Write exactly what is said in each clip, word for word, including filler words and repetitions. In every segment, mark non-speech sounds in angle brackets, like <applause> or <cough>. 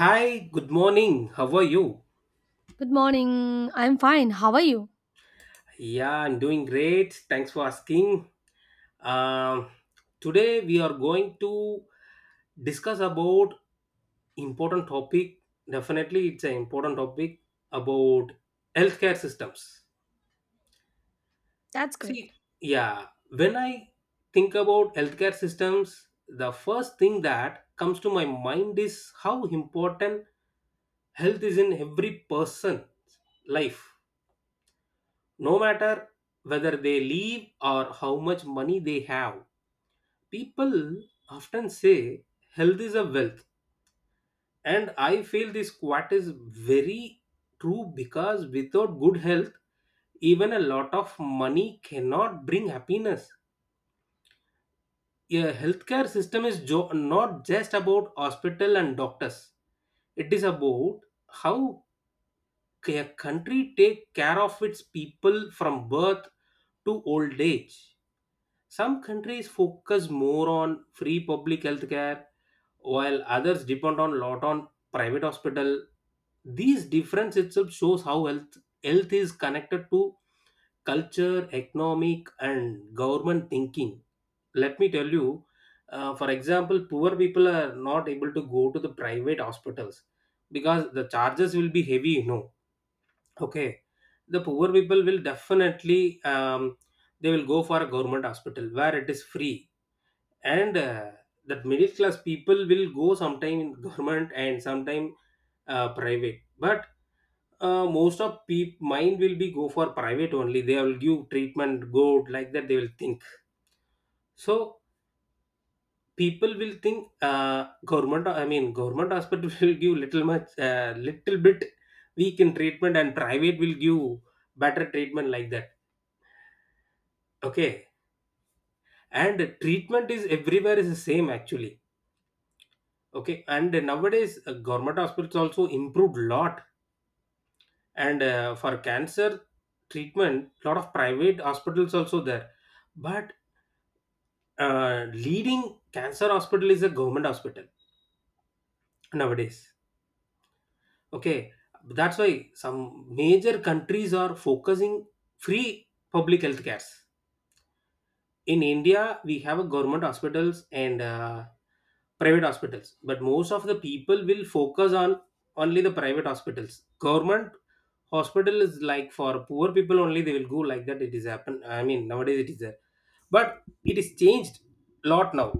Hi, good morning. How are you? Good morning. I'm fine. How are you? Yeah, I'm doing great. Thanks for asking. Um, Today we are going to discuss about important topic. Definitely, it's an important topic about healthcare systems. See, yeah, when I think about healthcare systems, the first thing that comes to my mind is how important health is in every person's life. No matter whether they live or how much money they have, people often say health is a wealth. And I feel this quote is very true because without good health, even a lot of money cannot bring happiness. A healthcare system is jo- not just about hospital and doctors. It is about how a country take care of its people from birth to old age. Some countries focus more on free public health care, while others depend on lot on private hospital. These difference itself shows how health health is connected to culture, economic, and government thinking. Let me tell you, uh, for example, poor people are not able to go to the private hospitals because the charges will be heavy. You know, okay, the poor people will definitely, um, they will go for a government hospital where it is free, and uh, that middle class people will go sometime in government and sometime uh, private. But uh, most of people mind will be go for private only. They will give treatment good, like that they will think. So people will think, uh, government, I mean government hospital <laughs> will give little much, uh, little bit weak in treatment, and private will give better treatment, like that. Okay, and treatment is everywhere is the same actually. Okay, and nowadays uh, government hospitals also improved a lot, and uh, for cancer treatment, lot of private hospitals also there. But uh, leading cancer hospital is a government hospital nowadays. Okay, that's why some major countries are focusing free public health cares. In India, we have a government hospitals and uh, private hospitals, but most of the people will focus on only the private hospitals. Government hospital is like for poor people only; they will go like that. It is happen. I mean, nowadays it is there, but it is changed lot now.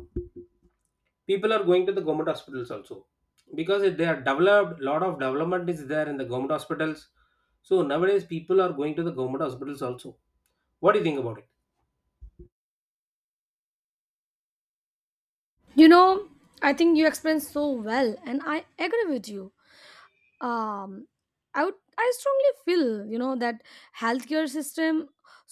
People are going to the government hospitals also because it- they are developed. Lot of development is there in the government hospitals. So nowadays people are going to the government hospitals also. What do you think about it? You know, I think you explained so well, and I agree with you. um i would i strongly feel, you know, that healthcare system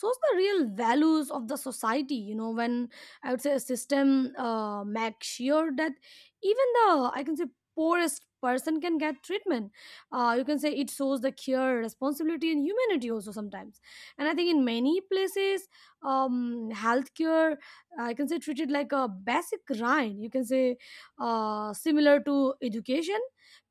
shows the real values of the society. You know, when I would say a system uh, makes sure that even the, I can say, poorest person can get treatment, uh, you can say it shows the care, responsibility, and humanity also sometimes. And I think in many places, um healthcare, I can say, treated like a basic right, you can say, uh, similar to education.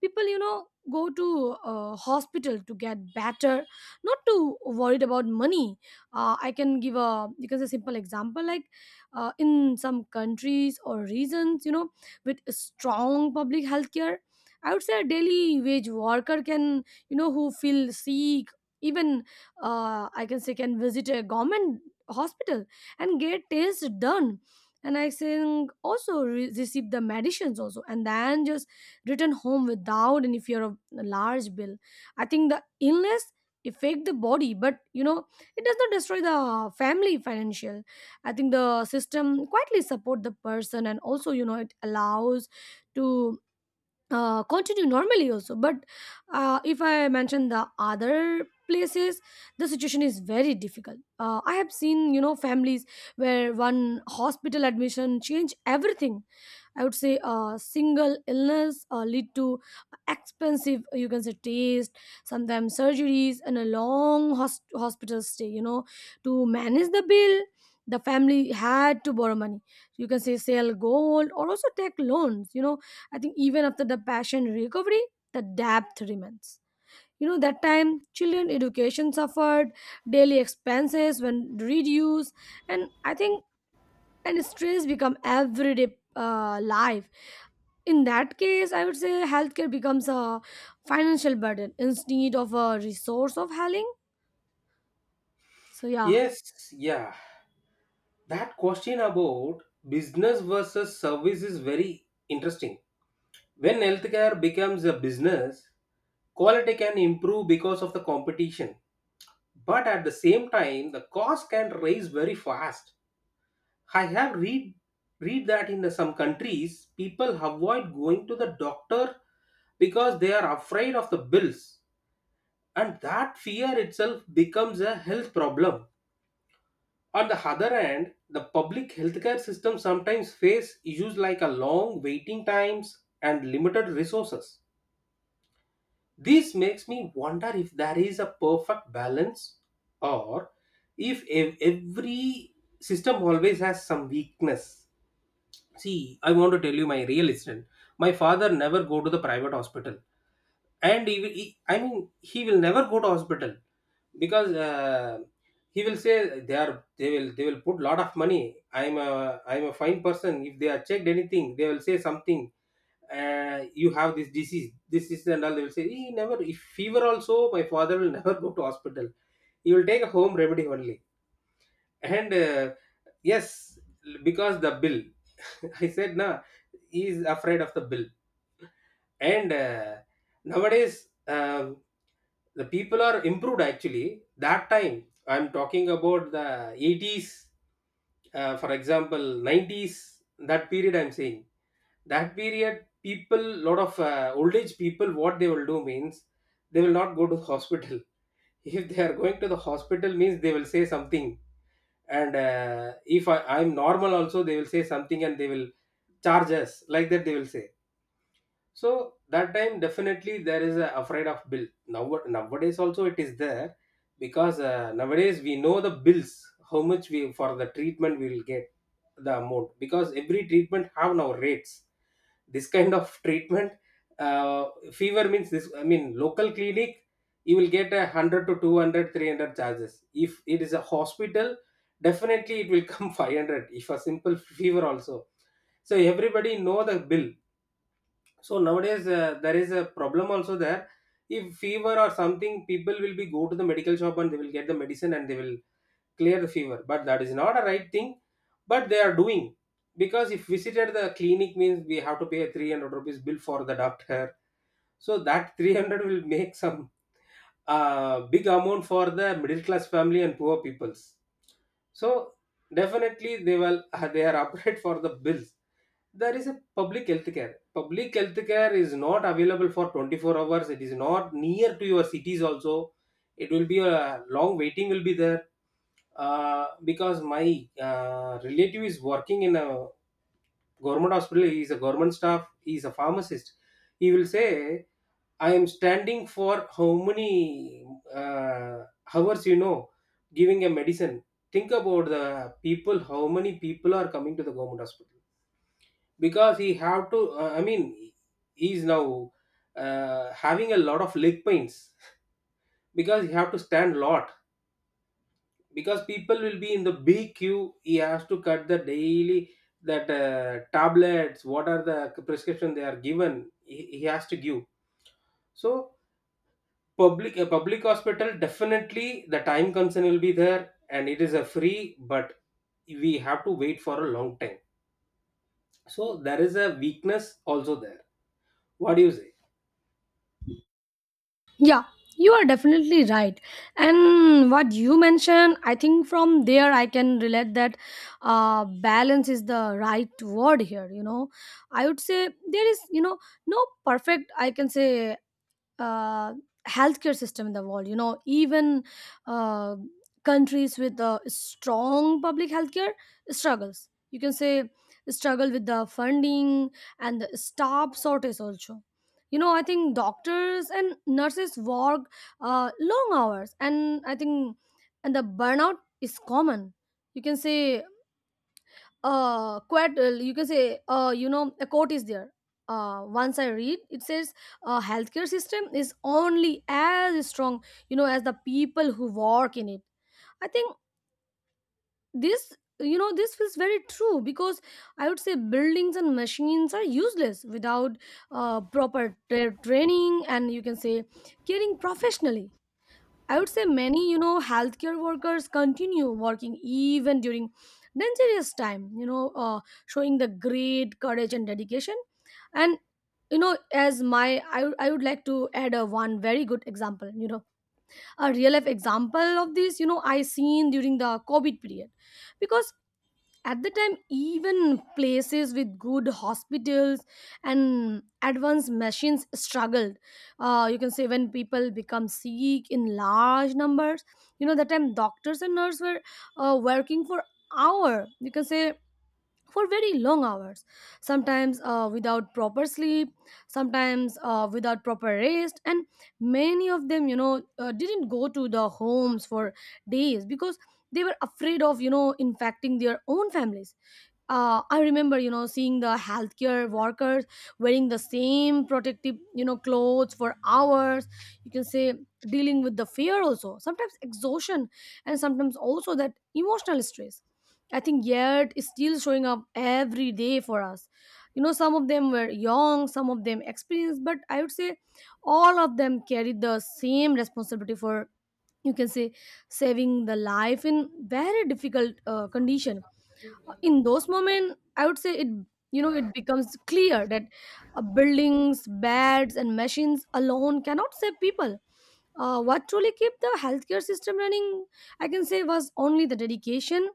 People, you know, go to uh, hospital to get better, not to worried about money. uh, I can give a, you can say, simple example like, uh, in some countries or regions, you know, with strong public health care, I would say a daily wage worker can, you know, who feel sick, even, uh, I can say, can visit a government hospital and get tests done, and I think also re- receive the medicines also, and then just return home without any fear of a large bill. I think the illness affect the body, but, you know, it does not destroy the family financial. I think the system quietly support the person, and also, you know, it allows to uh, continue normally also. But uh, if I mention the other places, the situation is very difficult. Uh, I have seen, you know, families where one hospital admission change everything. I would say a single illness uh, lead to expensive, you can say, taste, sometimes surgeries, and a long hos- hospital stay. You know, to manage the bill, the family had to borrow money. You can say sell gold, or also take loans. You know, I think even after the patient recovery, the debt remains. You know, that time children education suffered, daily expenses when reduced, and I think and stress become everyday uh, life. In that case, I would say healthcare becomes a financial burden instead of a resource of healing. So yeah. Yes, yeah. That question about business versus service is very interesting. When healthcare becomes a business, quality can improve because of the competition. But at the same time, the cost can rise very fast. I have read read that in some countries, people avoid going to the doctor because they are afraid of the bills. And that fear itself becomes a health problem. On the other hand, the public healthcare system sometimes face issues like a long waiting times and limited resources. This makes me wonder if there is a perfect balance, or if ev- every system always has some weakness. See, I want to tell you my real incident. My father never go to the private hospital, and he will, he, I mean, he will never go to hospital because uh, he will say they are they will they will put lot of money. I'm a I'm a fine person. If they are checked anything, they will say something. Uh, you have this disease, this is and all. They will say he never. If fever also, my father will <laughs> never go to hospital. He will take a home remedy only. And uh, yes, because the bill. <laughs> I said nah, he is afraid of the bill, and uh, nowadays, um, the people are improved actually. That time, I'm talking about the eighties, uh, for example, nineties, that period I'm saying. That period, people, lot of uh, old age people, what they will do means they will not go to the hospital. <laughs> If they are going to the hospital, means they will say something. And uh, if I, I'm normal, also, they will say something, and they will charge us. Like that, they will say. So that time definitely there is a afraid of bill. Now nowadays also it is there, because uh, nowadays we know the bills, how much we for the treatment we will get the amount, because every treatment have now rates. This kind of treatment, uh, fever means this, I mean local clinic, you will get a hundred to two hundred, three hundred charges. If it is a hospital, definitely it will come <laughs> five hundred if a simple fever also. So everybody know the bill. So nowadays uh, there is a problem also there. If fever or something, people will be go to the medical shop and they will get the medicine and they will clear the fever. But that is not a right thing. But they are doing because if visited the clinic means we have to pay a three hundred rupees bill for the doctor. So that three hundred will make some uh, big amount for the middle class family and poor peoples. So definitely they will <laughs> they are upright for the bills. There is a public health care. Public health care is not available for twenty-four hours. It is not near to your cities also. It will be a long waiting will be there. Uh, because my uh, relative is working in a government hospital. He is a government staff. He is a pharmacist. He will say I am standing for how many uh, hours, you know, giving a medicine. Think about the people, how many people are coming to the government hospital because he have to. Uh, I mean, he is now uh, having a lot of leg pains because he have to stand lot because people will be in the big queue. He has to cut the daily that uh, tablets. What are the prescription they are given? He, he has to give. So public a public hospital definitely the time concern will be there, and it is a free, but we have to wait for a long time. So there is a weakness also there. What do you say? Yeah, you are definitely right. And what you mentioned, I think from there I can relate that uh, balance is the right word here, you know. I would say there is, you know, no perfect, I can say, uh, healthcare system in the world, you know. Even uh, countries with a strong public healthcare struggles, you can say, struggle with the funding and the staff shortage also. You know, I think doctors and nurses work uh, long hours, and I think and the burnout is common, you can say. Uh quite uh, you can say, uh you know, a quote is there uh once I read. It says uh healthcare system is only as strong, you know, as the people who work in it. I think this, you know, this feels very true, because I would say buildings and machines are useless without uh proper tra- training and, you can say, caring professionally. I would say many, you know, healthcare workers continue working even during dangerous time, you know, uh, showing the great courage and dedication. And, you know, as my, I, I would like to add a one very good example, you know, a real life example of this. You know, I seen during the COVID period. Because at the time even places with good hospitals and advanced machines struggled uh, you can say when people become sick in large numbers. You know, that time doctors and nurses were uh, working for hour, you can say, for very long hours, sometimes uh, without proper sleep, sometimes uh, without proper rest. And many of them, you know, uh, didn't go to the homes for days, because they were afraid of, you know, infecting their own families. Uh, I remember, you know, seeing the healthcare workers wearing the same protective, you know, clothes for hours. You can say dealing with the fear also, sometimes exhaustion, and sometimes also that emotional stress. I think yet is still showing up every day for us. You know, some of them were young, some of them experienced, but I would say all of them carried the same responsibility for, you can say, saving the life in very difficult uh, condition. In those moments, I would say it, you know, it becomes clear that uh, buildings, beds, and machines alone cannot save people. Uh, what truly kept the healthcare system running, I can say, was only the dedication,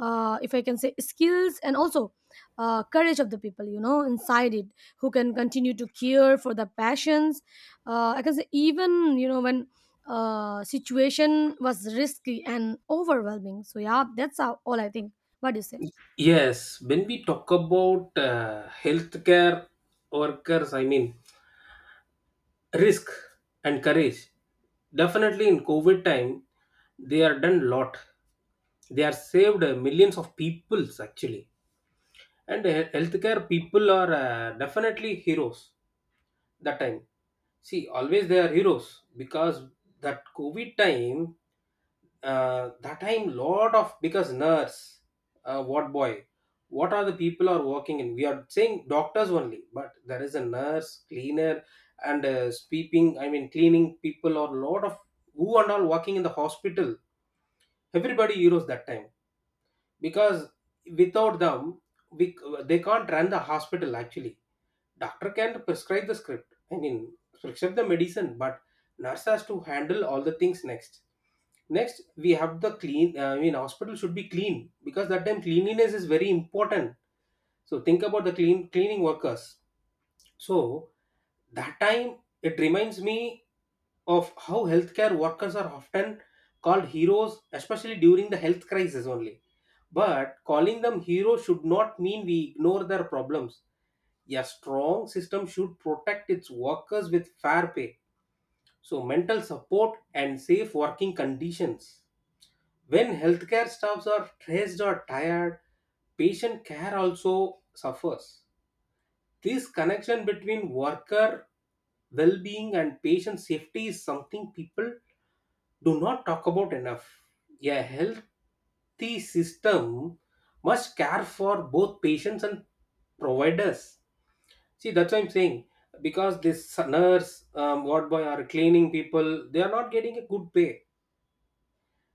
uh, if I can say, skills, and also uh, courage of the people, you know, inside it, who can continue to care for the passions, uh, I can say, even, you know, when uh, situation was risky and overwhelming. So yeah, that's all all I think. What do you say? Yes, when we talk about uh, healthcare workers, I mean risk and courage, definitely in COVID time they are done lot. They are saved uh, millions of peoples actually. And he- healthcare people are uh, definitely heroes that time. See, always they are heroes because that COVID time, uh, that time lot of, because nurse, uh, what boy, what are the people are working in? We are saying doctors only, but there is a nurse, cleaner, and uh, sweeping. I mean, cleaning people or lot of who and all working in the hospital. Everybody heroes that time, because without them we, they can't run the hospital actually. Doctor can prescribe the script, I mean prescribe the medicine, but nurse has to handle all the things. Next next we have the clean, uh, I mean hospital should be clean, because that time cleanliness is very important. So think about the clean cleaning workers. So that time it reminds me of how healthcare workers are often called heroes, especially during the health crisis only. But calling them heroes should not mean we ignore their problems. A strong system should protect its workers with fair pay, so mental support and safe working conditions. When healthcare staffs are stressed or tired, patient care also suffers. This connection between worker well-being and patient safety is something people do not talk about enough. A healthy system must care for both patients and providers. See, that's what I'm saying, because this nurse, um, ward boy or cleaning people, they are not getting a good pay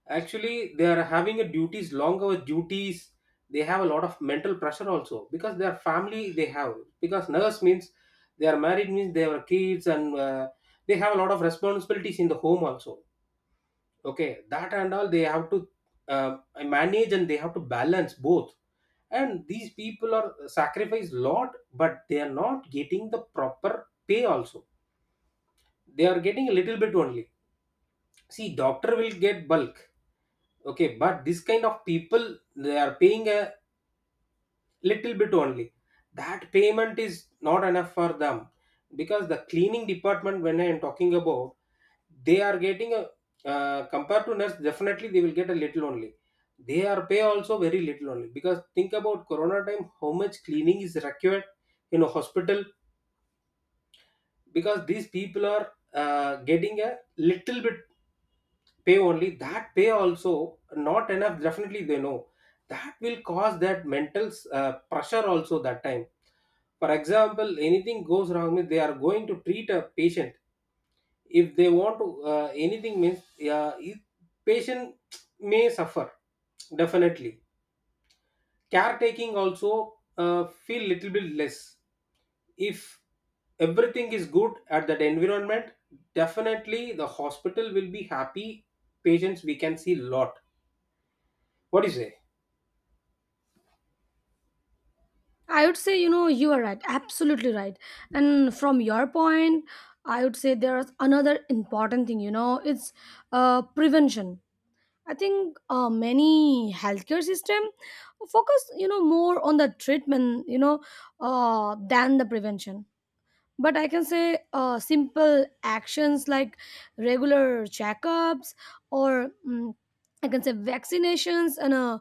actually. They are having a duties, long hour duties. They have a lot of mental pressure also, because their family they have, because nurse means they are married means they have kids, and uh, they have a lot of responsibilities in the home also. Okay, that and all they have to, uh, manage, and they have to balance both. And these people are sacrifice lot, but they are not getting the proper pay also. They are getting a little bit only. See, doctor will get bulk. Okay, but this kind of people they are paying a little bit only. That payment is not enough for them because the cleaning department, when I am talking about, they are getting a, uh, compared to nurse, definitely they will get a little only. They are pay also very little only because think about corona time, how much cleaning is required in a hospital because these people are uh, getting a little bit pay only. That pay also not enough definitely they know that will cause that mental uh, pressure also that time. For example, anything goes wrong means they are going to treat a patient. If they want to uh, anything means uh, if patient may suffer definitely caretaking also uh, feel little bit less if everything is good at that environment, definitely the hospital will be happy, patients we can see lot. What do you say? I would say, you know, you are right, absolutely right. And from your point, I would say there's another important thing, you know, it's uh, prevention. I think uh, many healthcare system focus, you know, more on the treatment, you know, uh, than the prevention. But I can say uh, simple actions like regular checkups, or mm, I can say, vaccinations and uh,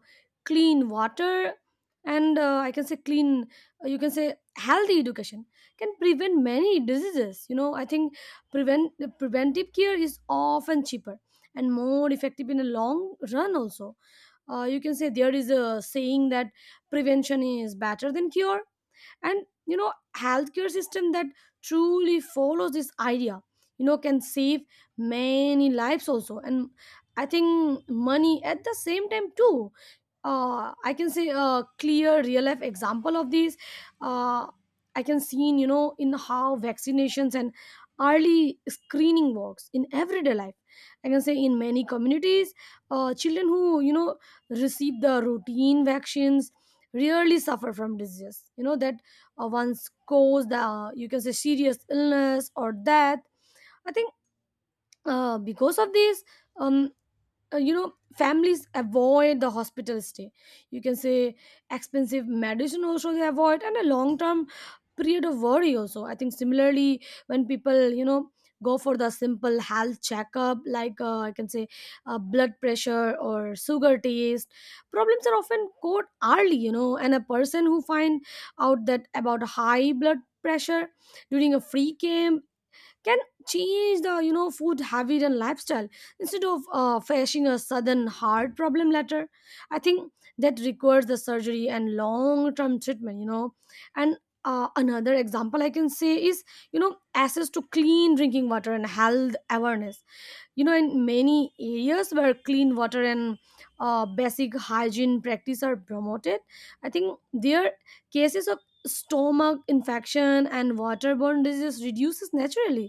clean water, and uh, I can say clean, uh, you can say, healthy education can prevent many diseases, you know. I think prevent preventive care is often cheaper and more effective in the long run also. uh, you can say there is a saying that prevention is better than cure. And, you know, healthcare system that truly follows this idea, you know, can save many lives also, and I think money at the same time too. Uh, I can say a clear real life example of this. Uh, I can see in, you know, in how vaccinations and early screening works in everyday life. I can say in many communities, uh, children who, you know, receive the routine vaccines rarely suffer from diseases, you know, that uh, once caused uh, you can say, serious illness or death. I think uh, because of this, um, uh, you know, families avoid the hospital stay, you can say, expensive medicine also they avoid, and a long term period of worry also. I think similarly when people, you know, go for the simple health checkup like, uh, I can say, uh, blood pressure or sugar test, problems are often caught early, you know. And a person who find out that about high blood pressure during a free camp can change the, you know, food habit and lifestyle instead of uh, facing a sudden heart problem later. I think that requires the surgery and long term treatment, you know. And uh, another example I can say is, you know, access to clean drinking water and health awareness. You know, in many areas where clean water and uh, basic hygiene practice are promoted, I think their cases of stomach infection and waterborne disease reduces naturally.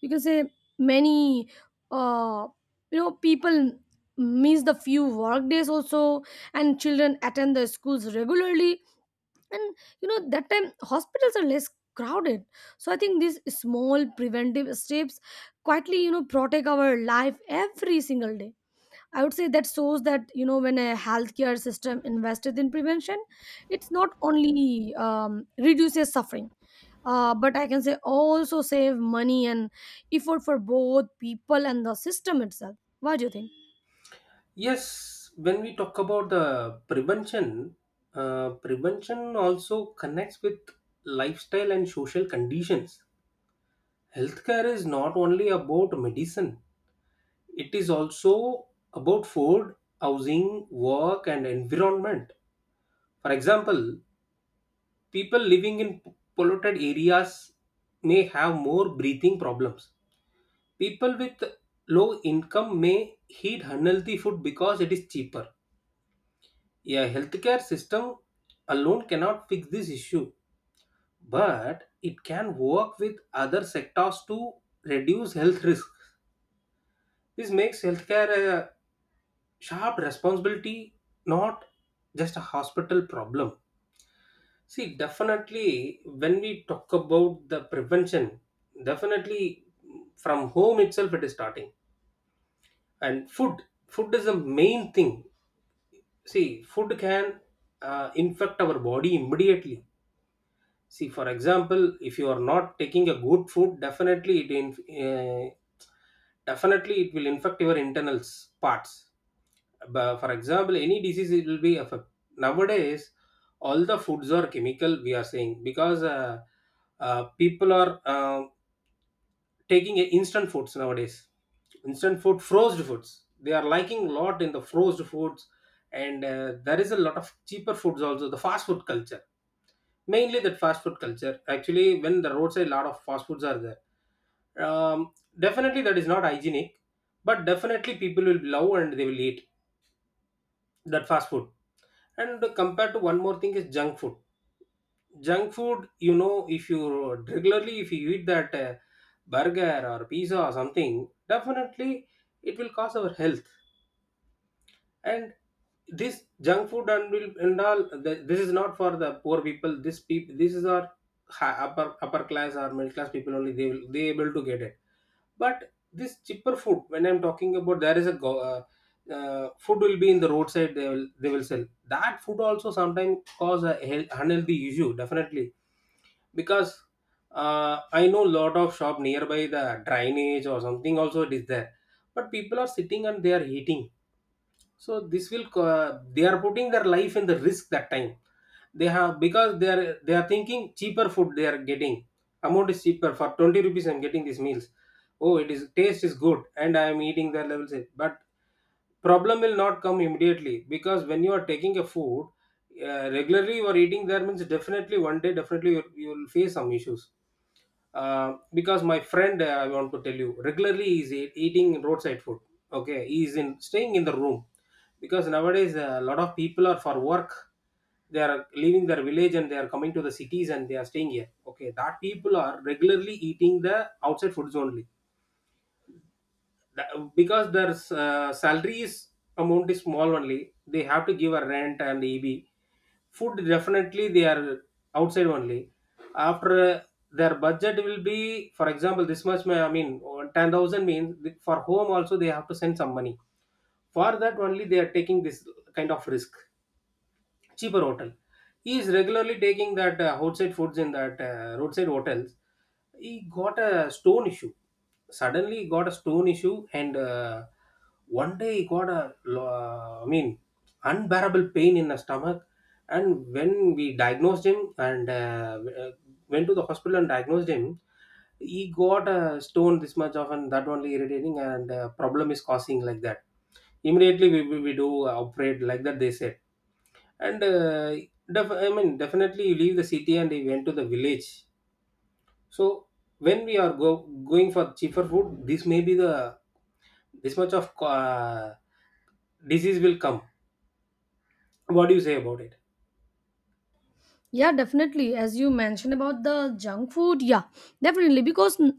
You can say many uh you know, people miss the few work days also, and children attend the schools regularly. And, you know, that time hospitals are less crowded. So I think these small preventive steps quietly, you know, protect our life every single day. I would say that shows that, you know, when a healthcare system invested in prevention, it's not only um, reduces suffering, uh, but I can say also save money and effort for both people and the system itself. What do you think? Yes, when we talk about the prevention, uh, prevention also connects with lifestyle and social conditions. Healthcare is not only about medicine, it is also about food, housing, work, and environment. For example, people living in polluted areas may have more breathing problems. People with low income may eat unhealthy food because it is cheaper. A healthcare system alone cannot fix this issue, but it can work with other sectors to reduce health risk. This makes healthcare a sharp responsibility, not just a hospital problem. See, definitely, when we talk about the prevention, definitely from home itself it is starting. And food, food is the main thing. See, food can uh, infect our body immediately. See, for example, if you are not taking a good food, definitely it in uh, definitely it will infect your internals parts. But for example, any disease it will be affect. Nowadays, all the foods are chemical. We are saying because uh, uh, people are uh, taking instant foods nowadays. Instant food, frozen foods. They are liking lot in the frozen foods, and uh, there is a lot of cheaper foods also. The fast food culture, mainly that fast food culture, actually when the roadside lot of fast foods are there, um, definitely that is not hygienic, but definitely people will love and they will eat that fast food. And compared to one more thing is junk food. Junk food, you know, if you regularly, if you eat that uh, burger or pizza or something, definitely it will cause our health. And this junk food and will and all th- this is not for the poor people, this people, this is our hi- upper upper class or middle class people only, they will, they able to get it. But this cheaper food, when I'm talking about, there is a go, uh, uh, food will be in the roadside, they will they will sell that food also sometimes cause a health, unhealthy issue definitely. Because uh, I know lot of shop nearby the drainage or something also it is there, but people are sitting and they are eating. So this will co- uh, they are putting their life in the risk that time they have, because they are they are thinking cheaper food they are getting, amount is cheaper. For twenty rupees I'm getting these meals, oh it is taste is good and I am eating their levels. But problem will not come immediately because when you are taking a food uh, regularly you are eating there means definitely one day definitely you, you will face some issues. Uh, because my friend, uh, I want to tell you regularly is e- eating roadside food. Okay, he is in staying in the room because nowadays a lot of people are for work, they are leaving their village and they are coming to the cities and they are staying here. Okay, that people are regularly eating the outside foods only. Th- because their uh, salary is amount is small only. They have to give a rent and eb food definitely they are outside only. After uh, their budget will be, for example, this much may- I mean, or ten thousand means, th- for home also they have to send some money. For that only they are taking this kind of risk, cheaper hotel. He is regularly taking that uh, outside foods in that uh, roadside hotels. He got a stone issue. Suddenly, he got a stone issue, and uh, one day he got a, lo- uh, I mean, unbearable pain in the stomach. And when we diagnosed him and uh, w- uh, went to the hospital and diagnosed him, he got a stone this much often, that only irritating, and uh, problem is causing like that. Immediately, we, we, we do operate like that, they said. And uh, def- I mean, definitely you leave the city and you went to the village. So when we are go- going for cheaper food, this may be the this much of uh, disease will come. What do you say about it? Yeah, definitely. As you mentioned about the junk food, yeah, definitely. Because uh,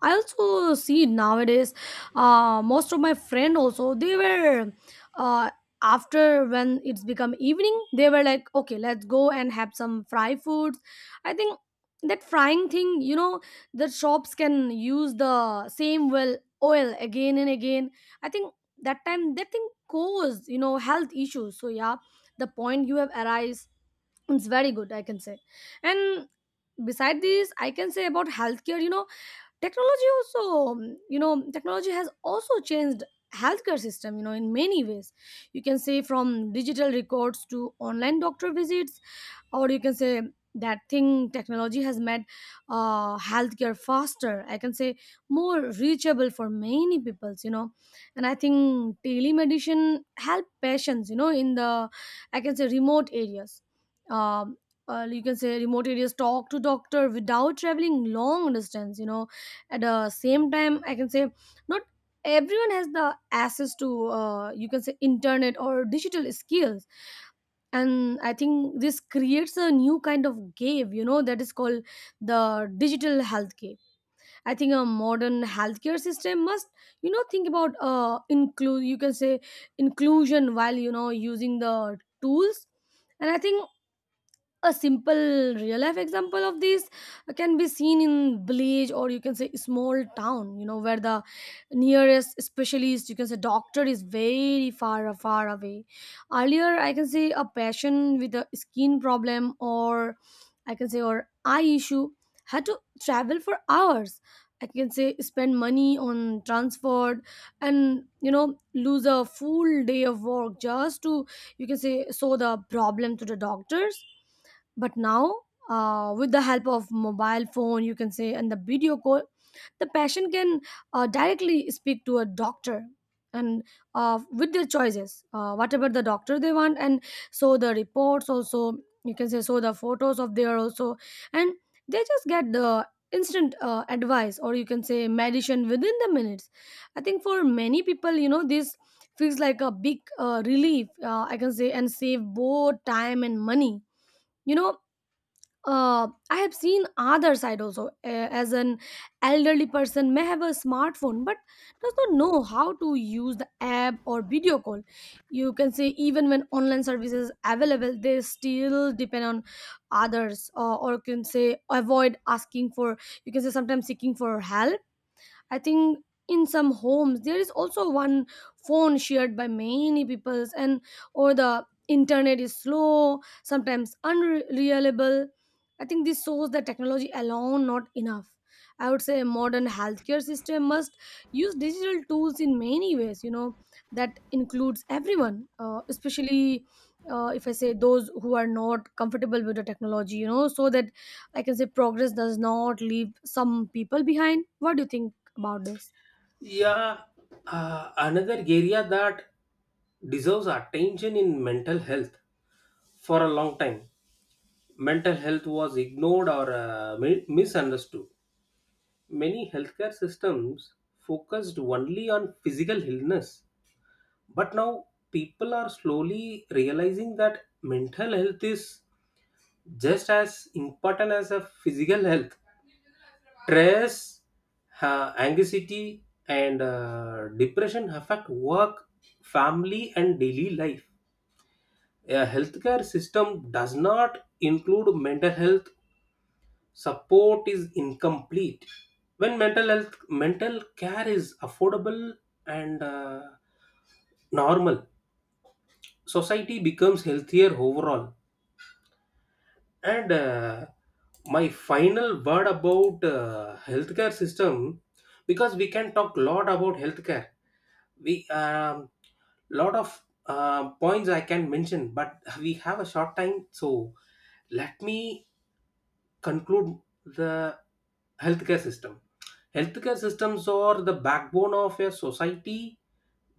I also see nowadays, uh, most of my friend also they were, uh, after when it's become evening, they were like, okay, let's go and have some fry foods. I think that frying thing, you know, the shops can use the same well oil again and again. I think that time that thing cause, you know, health issues. So yeah, the point you have arise, it's very good, I can say. And beside this, I can say about healthcare, you know, technology also. um, you know, technology has also changed healthcare system, you know, in many ways. You can say from digital records to online doctor visits, or you can say that thing technology has made uh, healthcare faster, I can say, more reachable for many peoples, you know. And I think telemedicine help patients, you know, in the, I can say, remote areas. um, uh, you can say remote areas talk to doctor without traveling long distance, you know. At the same time, I can say not everyone has the access to, uh, you can say, internet or digital skills. And I think this creates a new kind of gap, you know, that is called the digital health gap. I think a modern healthcare system must, you know, think about uh include, you can say, inclusion while, you know, using the tools. And I think a simple real life example of this can be seen in village, or you can say small town, you know, where the nearest specialist, you can say doctor, is very far far away. Earlier, I can say a patient with a skin problem, or, I can say, or eye issue, had to travel for hours, I can say spend money on transport, and, you know, lose a full day of work just to, you can say, show the problem to the doctors. But now, uh, with the help of mobile phone, you can say, and the video call, the patient can uh, directly speak to a doctor, and uh, with their choices, uh, whatever the doctor they want, and so the reports also, you can say, so the photos of their also, and they just get the instant uh, advice, or you can say, medicine within the minutes. I think for many people, you know, this feels like a big uh, relief, uh, I can say, and save both time and money, you know. Uh, I have seen other side also. Uh, as an elderly person may have a smartphone but does not know how to use the app or video call. You can say even when online services available, they still depend on others, or or can say avoid asking for. You can say sometimes seeking for help. I think in some homes there is also one phone shared by many peoples, and or the internet is slow, sometimes unreliable. I think this shows that technology alone not enough. I would say modern healthcare system must use digital tools in many ways, you know, that includes everyone, uh, especially uh, if I say those who are not comfortable with the technology, you know, so that I can say progress does not leave some people behind. What do you think about this? Yeah, uh, another area that deserves attention in mental health. For a long time mental health was ignored or uh, mi- misunderstood. Many healthcare systems focused only on physical illness. But now people are slowly realizing that mental health is just as important as a physical health. Stress, uh, anxiety, and uh, depression affect work, family, and daily life. A healthcare system does not include mental health support is incomplete. When mental health mental care is affordable and uh, normal, society becomes healthier overall. And uh, my final word about uh, healthcare system, because we can talk a lot about healthcare. We um, lot of uh, points I can mention, but we have a short time, so let me conclude the healthcare system. Healthcare systems are the backbone of a society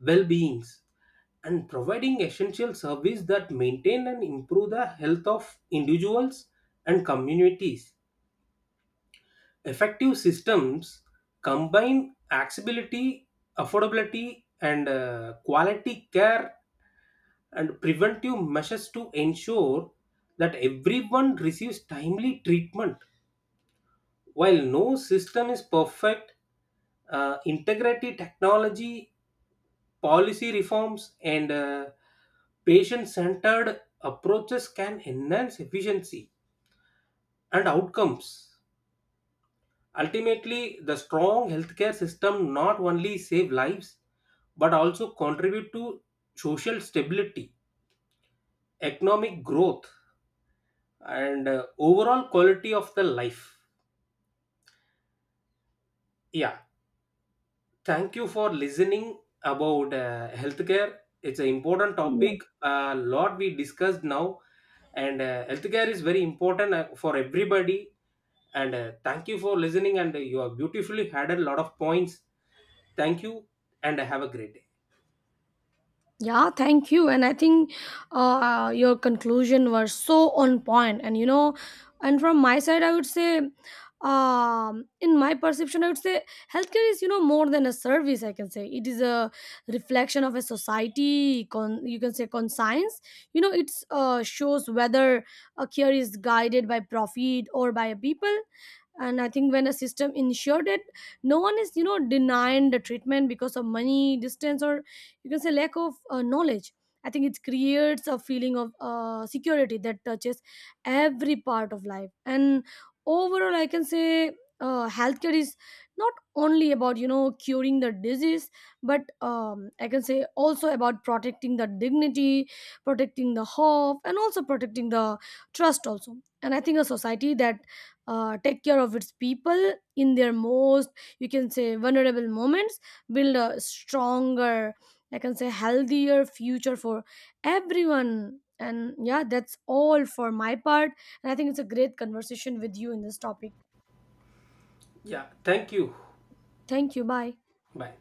well-beings and providing essential service that maintain and improve the health of individuals and communities. Effective systems combine accessibility, affordability, and uh, quality care and preventive measures to ensure that everyone receives timely treatment. While no system is perfect, uh, integrated technology, policy reforms, and uh, patient centered approaches can enhance efficiency and outcomes. Ultimately, the strong healthcare system not only save lives but also contribute to social stability, economic growth, and uh, overall quality of the life. Yeah. Thank you for listening about uh, healthcare. It's an important Yeah. topic. A lot we discussed now, and uh, healthcare is very important uh, for everybody. And uh, thank you for listening. And uh, you have beautifully had a lot of points. Thank you, and have a great day. Yeah, thank you. And I think uh, your conclusion were so on point. And, you know, and from my side, I would say, um, in my perception, I would say healthcare is, you know, more than a service. I can say it is a reflection of a society. Con- you can say conscience. You know, it's uh, shows whether a care is guided by profit or by a people. And I think when a system ensured it, no one is, you know, denying the treatment because of money, distance, or, you can say, lack of uh, knowledge, I think it creates a feeling of uh, security that touches every part of life. And overall, I can say uh, healthcare is not only about, you know, curing the disease, but um, I can say also about protecting the dignity, protecting the hope, and also protecting the trust also. And I think a society that uh, take care of its people in their most, you can say, vulnerable moments build a stronger, I can say, healthier future for everyone. And yeah, that's all for my part. And I think it's a great conversation with you in this topic. Yeah, thank you. Thank you. Bye. Bye.